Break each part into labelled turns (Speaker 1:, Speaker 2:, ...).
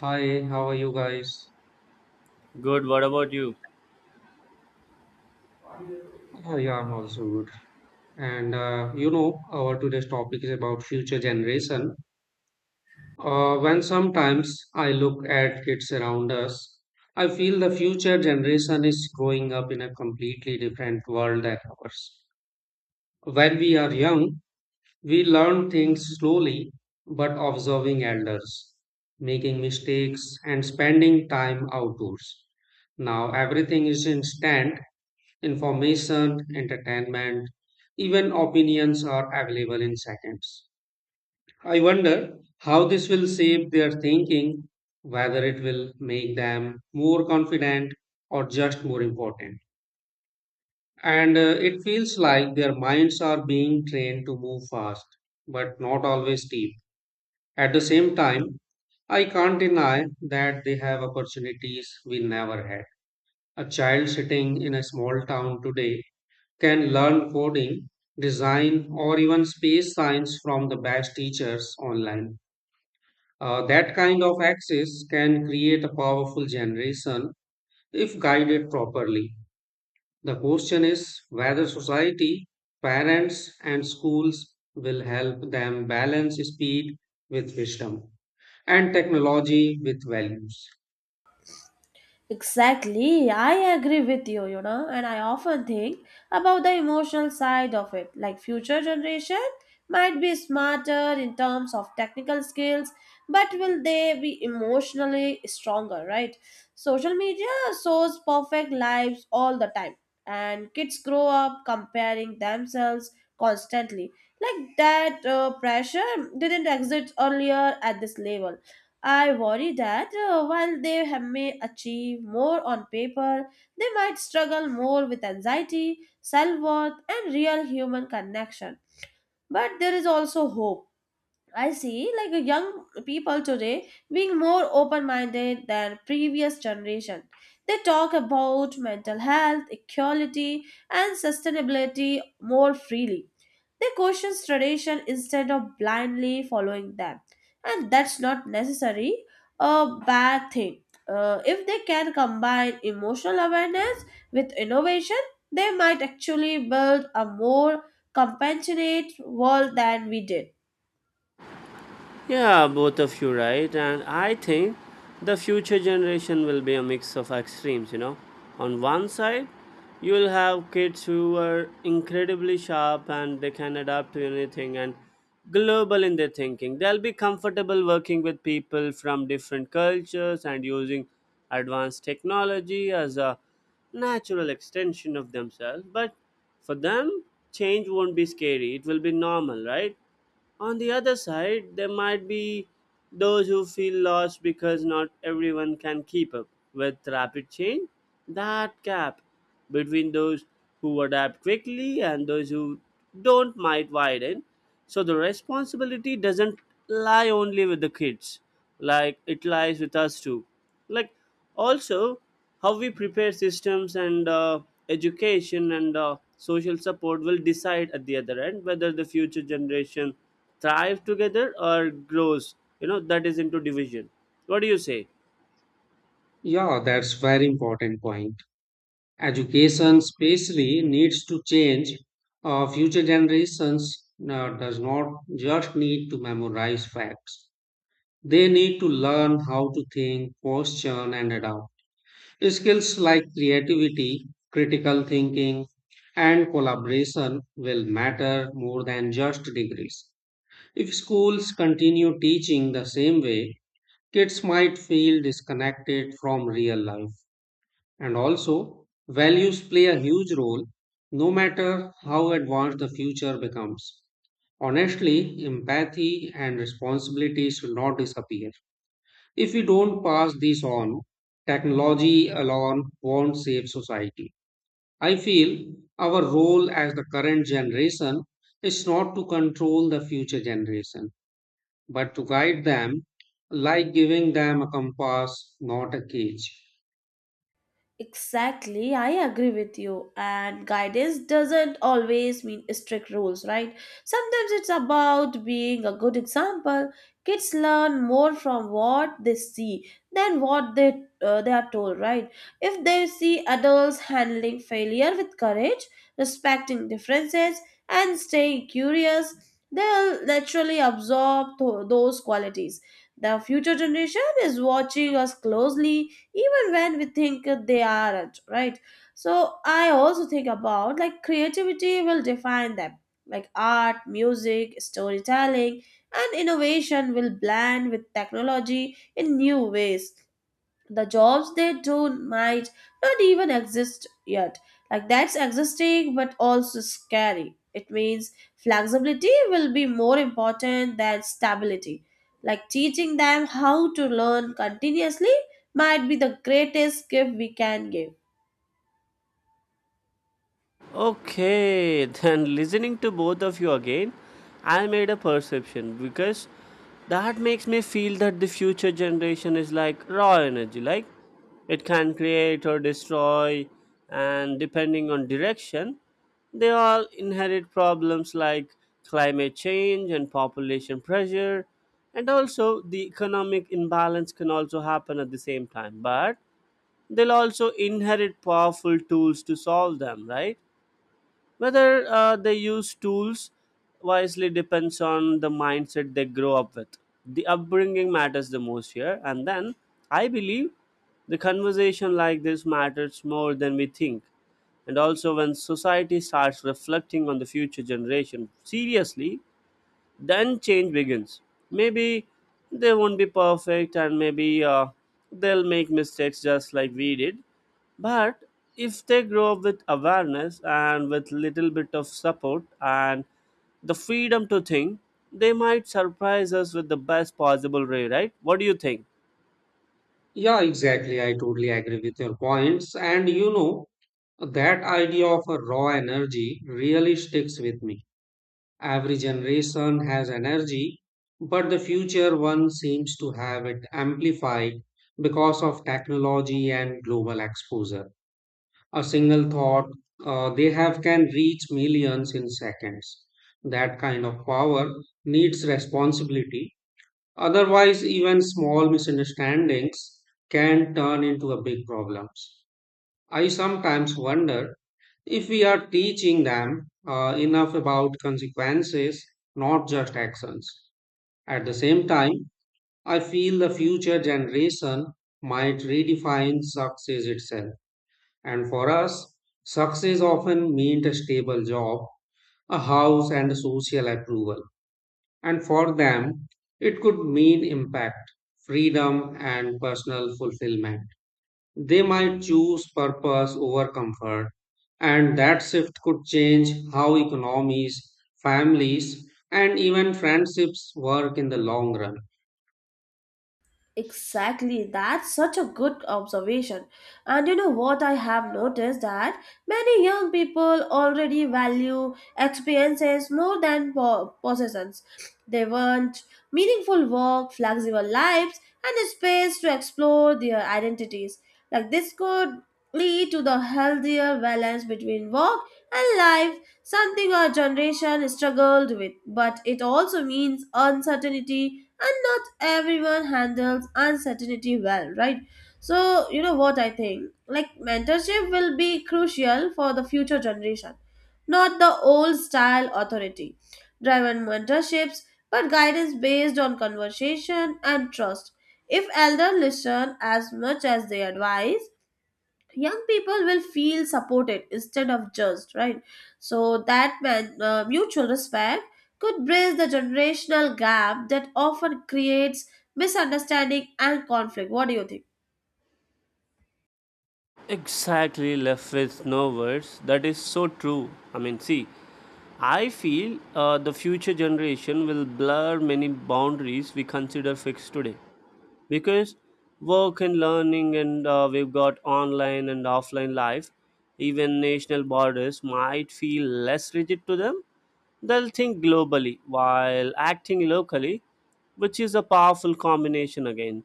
Speaker 1: Hi, how are you guys?
Speaker 2: Good. What about you?
Speaker 1: Oh, yeah, I'm also good. Our today's topic is about future generation. When sometimes I look at kids around us, I feel the future generation is growing up in a completely different world than ours. When we are young, we learn things slowly, but observing elders, making mistakes, and spending time outdoors. Now everything is instant. Information, entertainment, even opinions are available in seconds. I wonder how this will shape their thinking, whether it will make them more confident or just more important. And It feels like their minds are being trained to move fast, but not always deep. At the same time, I can't deny that they have opportunities we never had. A child sitting in a small town today can learn coding, design, or even space science from the best teachers online. That kind of access can create a powerful generation if guided properly. The question is whether society, parents, and schools will help them balance speed with wisdom and technology with values.
Speaker 3: Exactly, I agree with you, you know, and I often think about the emotional side of it. Like future generation might be smarter in terms of technical skills, but will they be emotionally stronger, right? Social media shows perfect lives all the time, and kids grow up comparing themselves constantly. Like that pressure didn't exist earlier at this level. I worry that while they have may achieve more on paper, they might struggle more with anxiety, self worth, and real human connection. But there is also hope. I see like a young people today being more open-minded than previous generation. They talk about mental health, equality and sustainability more freely. They question tradition instead of blindly following them. And that's not necessarily a bad thing. If they can combine emotional awareness with innovation, they might actually build a more compassionate world than we did.
Speaker 2: Yeah, both of you right. And I think the future generation will be a mix of extremes, you know. On one side, you'll have kids who are incredibly sharp and they can adapt to anything and global in their thinking. They'll be comfortable working with people from different cultures and using advanced technology as a natural extension of themselves. But for them, change won't be scary. It will be normal, right? On the other side, there might be those who feel lost because not everyone can keep up with rapid change. That gap between those who adapt quickly and those who don't might widen. So the responsibility doesn't lie only with the kids, like it lies with us too. Like also how we prepare systems and education and social support will decide at the other end whether the future generation thrive together or grows, you know, that is into division. What do you say?
Speaker 1: Yeah, that's very important point. Education especially needs to change. Future generations does not just need to memorize facts. They need to learn how to think, question, and adapt. Skills like creativity, critical thinking, and collaboration will matter more than just degrees. If schools continue teaching the same way, kids might feel disconnected from real life. And also, values play a huge role no matter how advanced the future becomes. Honestly, empathy and responsibility should not disappear. If we don't pass these on, technology alone won't save society. I feel our role as the current generation is not to control the future generation, but to guide them, like giving them a compass, not a cage.
Speaker 3: Exactly, I agree with you. And guidance doesn't always mean strict rules, right? Sometimes it's about being a good example. Kids learn more from what they see than what they are told, right? If they see adults handling failure with courage, respecting differences, and staying curious, they'll naturally absorb those qualities. The future generation is watching us closely even when we think they aren't, right. So I also think about like creativity will define them, like art, music, storytelling and innovation will blend with technology in new ways. The jobs they do might not even exist yet, like that's existing but also scary. It means flexibility will be more important than stability, like teaching them how to learn continuously might be the greatest gift we can give.
Speaker 2: Okay, then listening to both of you again, I made a perception because that makes me feel that the future generation is like raw energy, like it can create or destroy, and depending on direction, they all inherit problems like climate change and population pressure, and also the economic imbalance can also happen at the same time, but they'll also inherit powerful tools to solve them, right? Whether they use tools wisely depends on the mindset they grow up with. The upbringing matters the most here, and then I believe the conversation like this matters more than we think. And also, when society starts reflecting on the future generation seriously, then change begins. Maybe they won't be perfect, and maybe they'll make mistakes just like we did, but if they grow up with awareness and with little bit of support and the freedom to think, they might surprise us with the best possible way. Right? What do you think?
Speaker 1: Yeah, exactly. I totally agree with your points. And you know, that idea of a raw energy really sticks with me. Every generation has energy, but the future one seems to have it amplified because of technology and global exposure. A single thought they have can reach millions in seconds. That kind of power needs responsibility. Otherwise, even small misunderstandings can turn into a big problems. I sometimes wonder if we are teaching them enough about consequences, not just actions. At the same time, I feel the future generation might redefine success itself. And for us, success often meant a stable job, a house, and social approval. And for them, it could mean impact, freedom, and personal fulfillment. They might choose purpose over comfort, and that shift could change how economies, families, and even friendships work in the long run.
Speaker 3: Exactly, that's such a good observation. And you know what, I have noticed that many young people already value experiences more than possessions. They want meaningful work, flexible lives, and a space to explore their identities. Like this could lead to the healthier balance between work and life, something our generation struggled with. But it also means uncertainty, and not everyone handles uncertainty well, right? So you know what I think, like mentorship will be crucial for the future generation, not the old style authority driven mentorships, but guidance based on conversation and trust. If elders listen as much as they advise, young people will feel supported instead of judged, right? So that mutual respect could bridge the generational gap that often creates misunderstanding and conflict. What do you think?
Speaker 2: Exactly, left with no words. That is so true. I mean, see, I feel the future generation will blur many boundaries we consider fixed today, because work and learning and we've got online and offline life, even national borders might feel less rigid to them. They'll think globally while acting locally, which is a powerful combination. Again,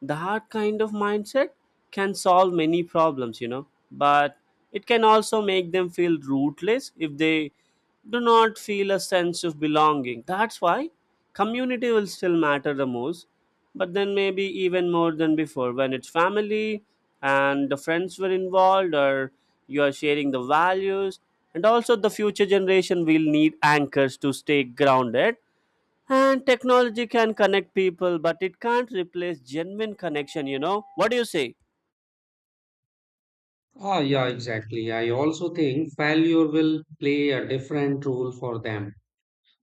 Speaker 2: that kind of mindset can solve many problems, you know. But it can also make them feel rootless if they do not feel a sense of belonging. That's why community will still matter the most, but then maybe even more than before, when it's family and the friends were involved, or you are sharing the values. And also, the future generation will need anchors to stay grounded, and technology can connect people but it can't replace genuine connection, you know. What do you say?
Speaker 1: Ah, yeah, exactly. I also think failure will play a different role for them.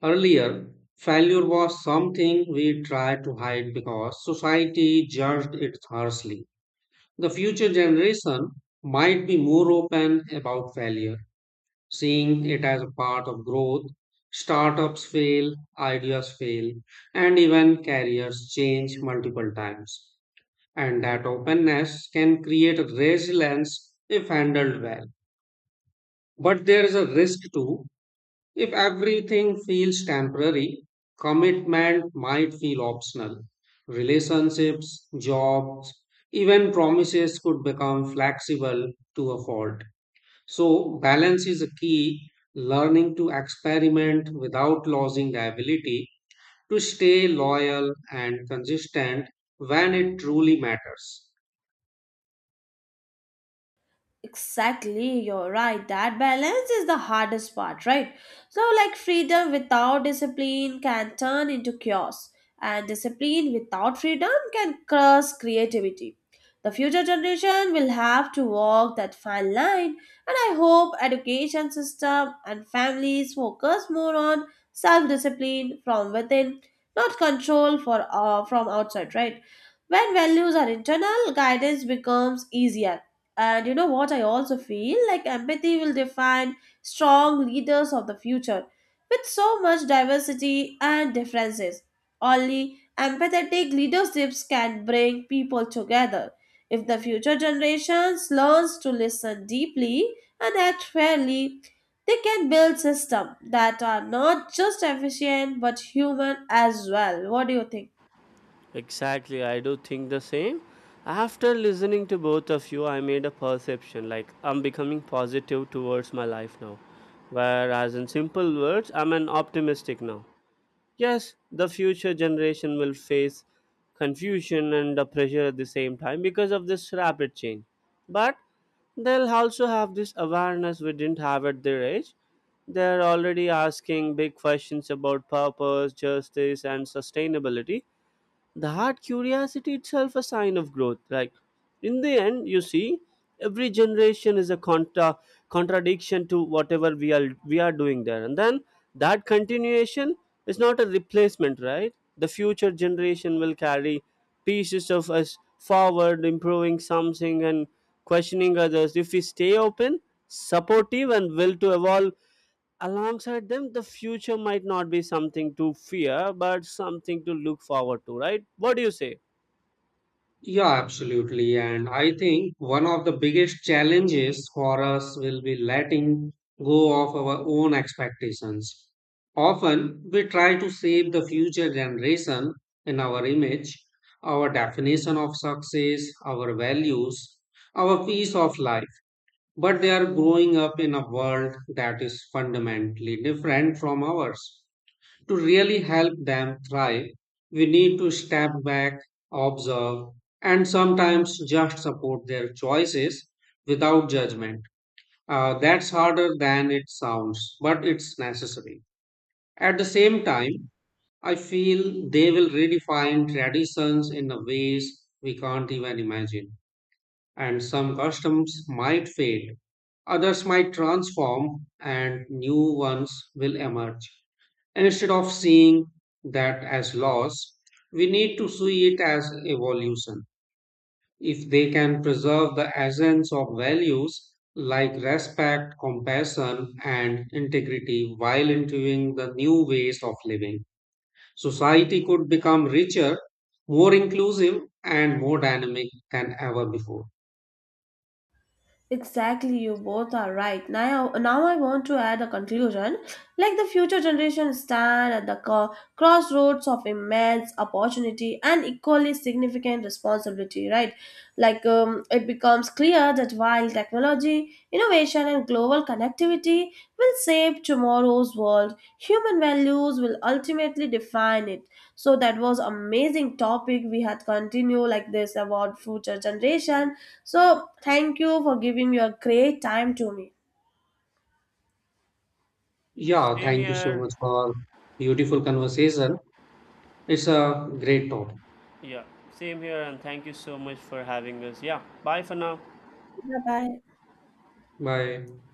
Speaker 1: Earlier, failure was something we tried to hide because society judged it harshly. The future generation might be more open about failure, seeing it as a part of growth. Startups fail, ideas fail, and even careers change multiple times. And that openness can create resilience if handled well. But there is a risk too if everything feels temporary, commitment might feel optional. Relationships, jobs, even promises could become flexible to a fault. So, balance is a key, learning to experiment without losing the ability to stay loyal and consistent when it truly matters.
Speaker 3: Exactly, you're right. That balance is the hardest part, right? So, like, freedom without discipline can turn into chaos, and discipline without freedom can crush creativity. The future generation will have to walk that fine line, and I hope education system and families focus more on self-discipline from within, not control for from outside, right? When values are internal, guidance becomes easier. And you know what? I also feel like empathy will define strong leaders of the future. With so much diversity and differences, only empathetic leaderships can bring people together. If the future generations learns to listen deeply and act fairly, they can build systems that are not just efficient but human as well. What do you think?
Speaker 2: Exactly, I do think the same. After listening to both of you, I made a perception like I'm becoming positive towards my life now. Whereas, in simple words, I'm an optimistic now. Yes, the future generation will face confusion and the pressure at the same time because of this rapid change. But they'll also have this awareness we didn't have at their age. They're already asking big questions about purpose, justice, and sustainability. That curiosity itself a sign of growth. Like, in the end, you see, every generation is a contradiction to whatever we are doing there, and then that continuation is not a replacement, right? The future generation will carry pieces of us forward, improving something and questioning others. If we stay open, supportive, and will to evolve alongside them, the future might not be something to fear but something to look forward to. Right? What do you say?
Speaker 1: Yeah, absolutely. And I think one of the biggest challenges for us will be letting go of our own expectations. Often we try to save the future generation in our image, our definition of success, our values, our piece of life. But they are growing up in a world that is fundamentally different from ours. To really help them thrive, we need to step back, observe, and sometimes just support their choices without judgment. That's harder than it sounds, but it's necessary. At the same time, I feel they will redefine traditions in a ways we can't even imagine, and some customs might fade, others might transform, and new ones will emerge. And instead of seeing that as loss, we need to see it as evolution. If they can preserve the essence of values like respect, compassion, and integrity while interviewing the new ways of living, society could become richer, more inclusive, and more dynamic than ever before.
Speaker 3: Exactly, you both are right. Now I want to add a conclusion. Like the future generations stand at the crossroads of immense opportunity and equally significant responsibility, right? It becomes clear that while technology, innovation, and global connectivity will shape tomorrow's world, human values will ultimately define it. So that was amazing topic we had continue like this about future generation so, thank you for giving your great time to me.
Speaker 1: Yeah,
Speaker 2: Same
Speaker 1: thank you so
Speaker 2: here.
Speaker 1: much for beautiful conversation. It's a great topic.
Speaker 2: Yeah, same here. And thank you so much for having us. Yeah, bye for now.
Speaker 3: Bye bye.
Speaker 1: Bye.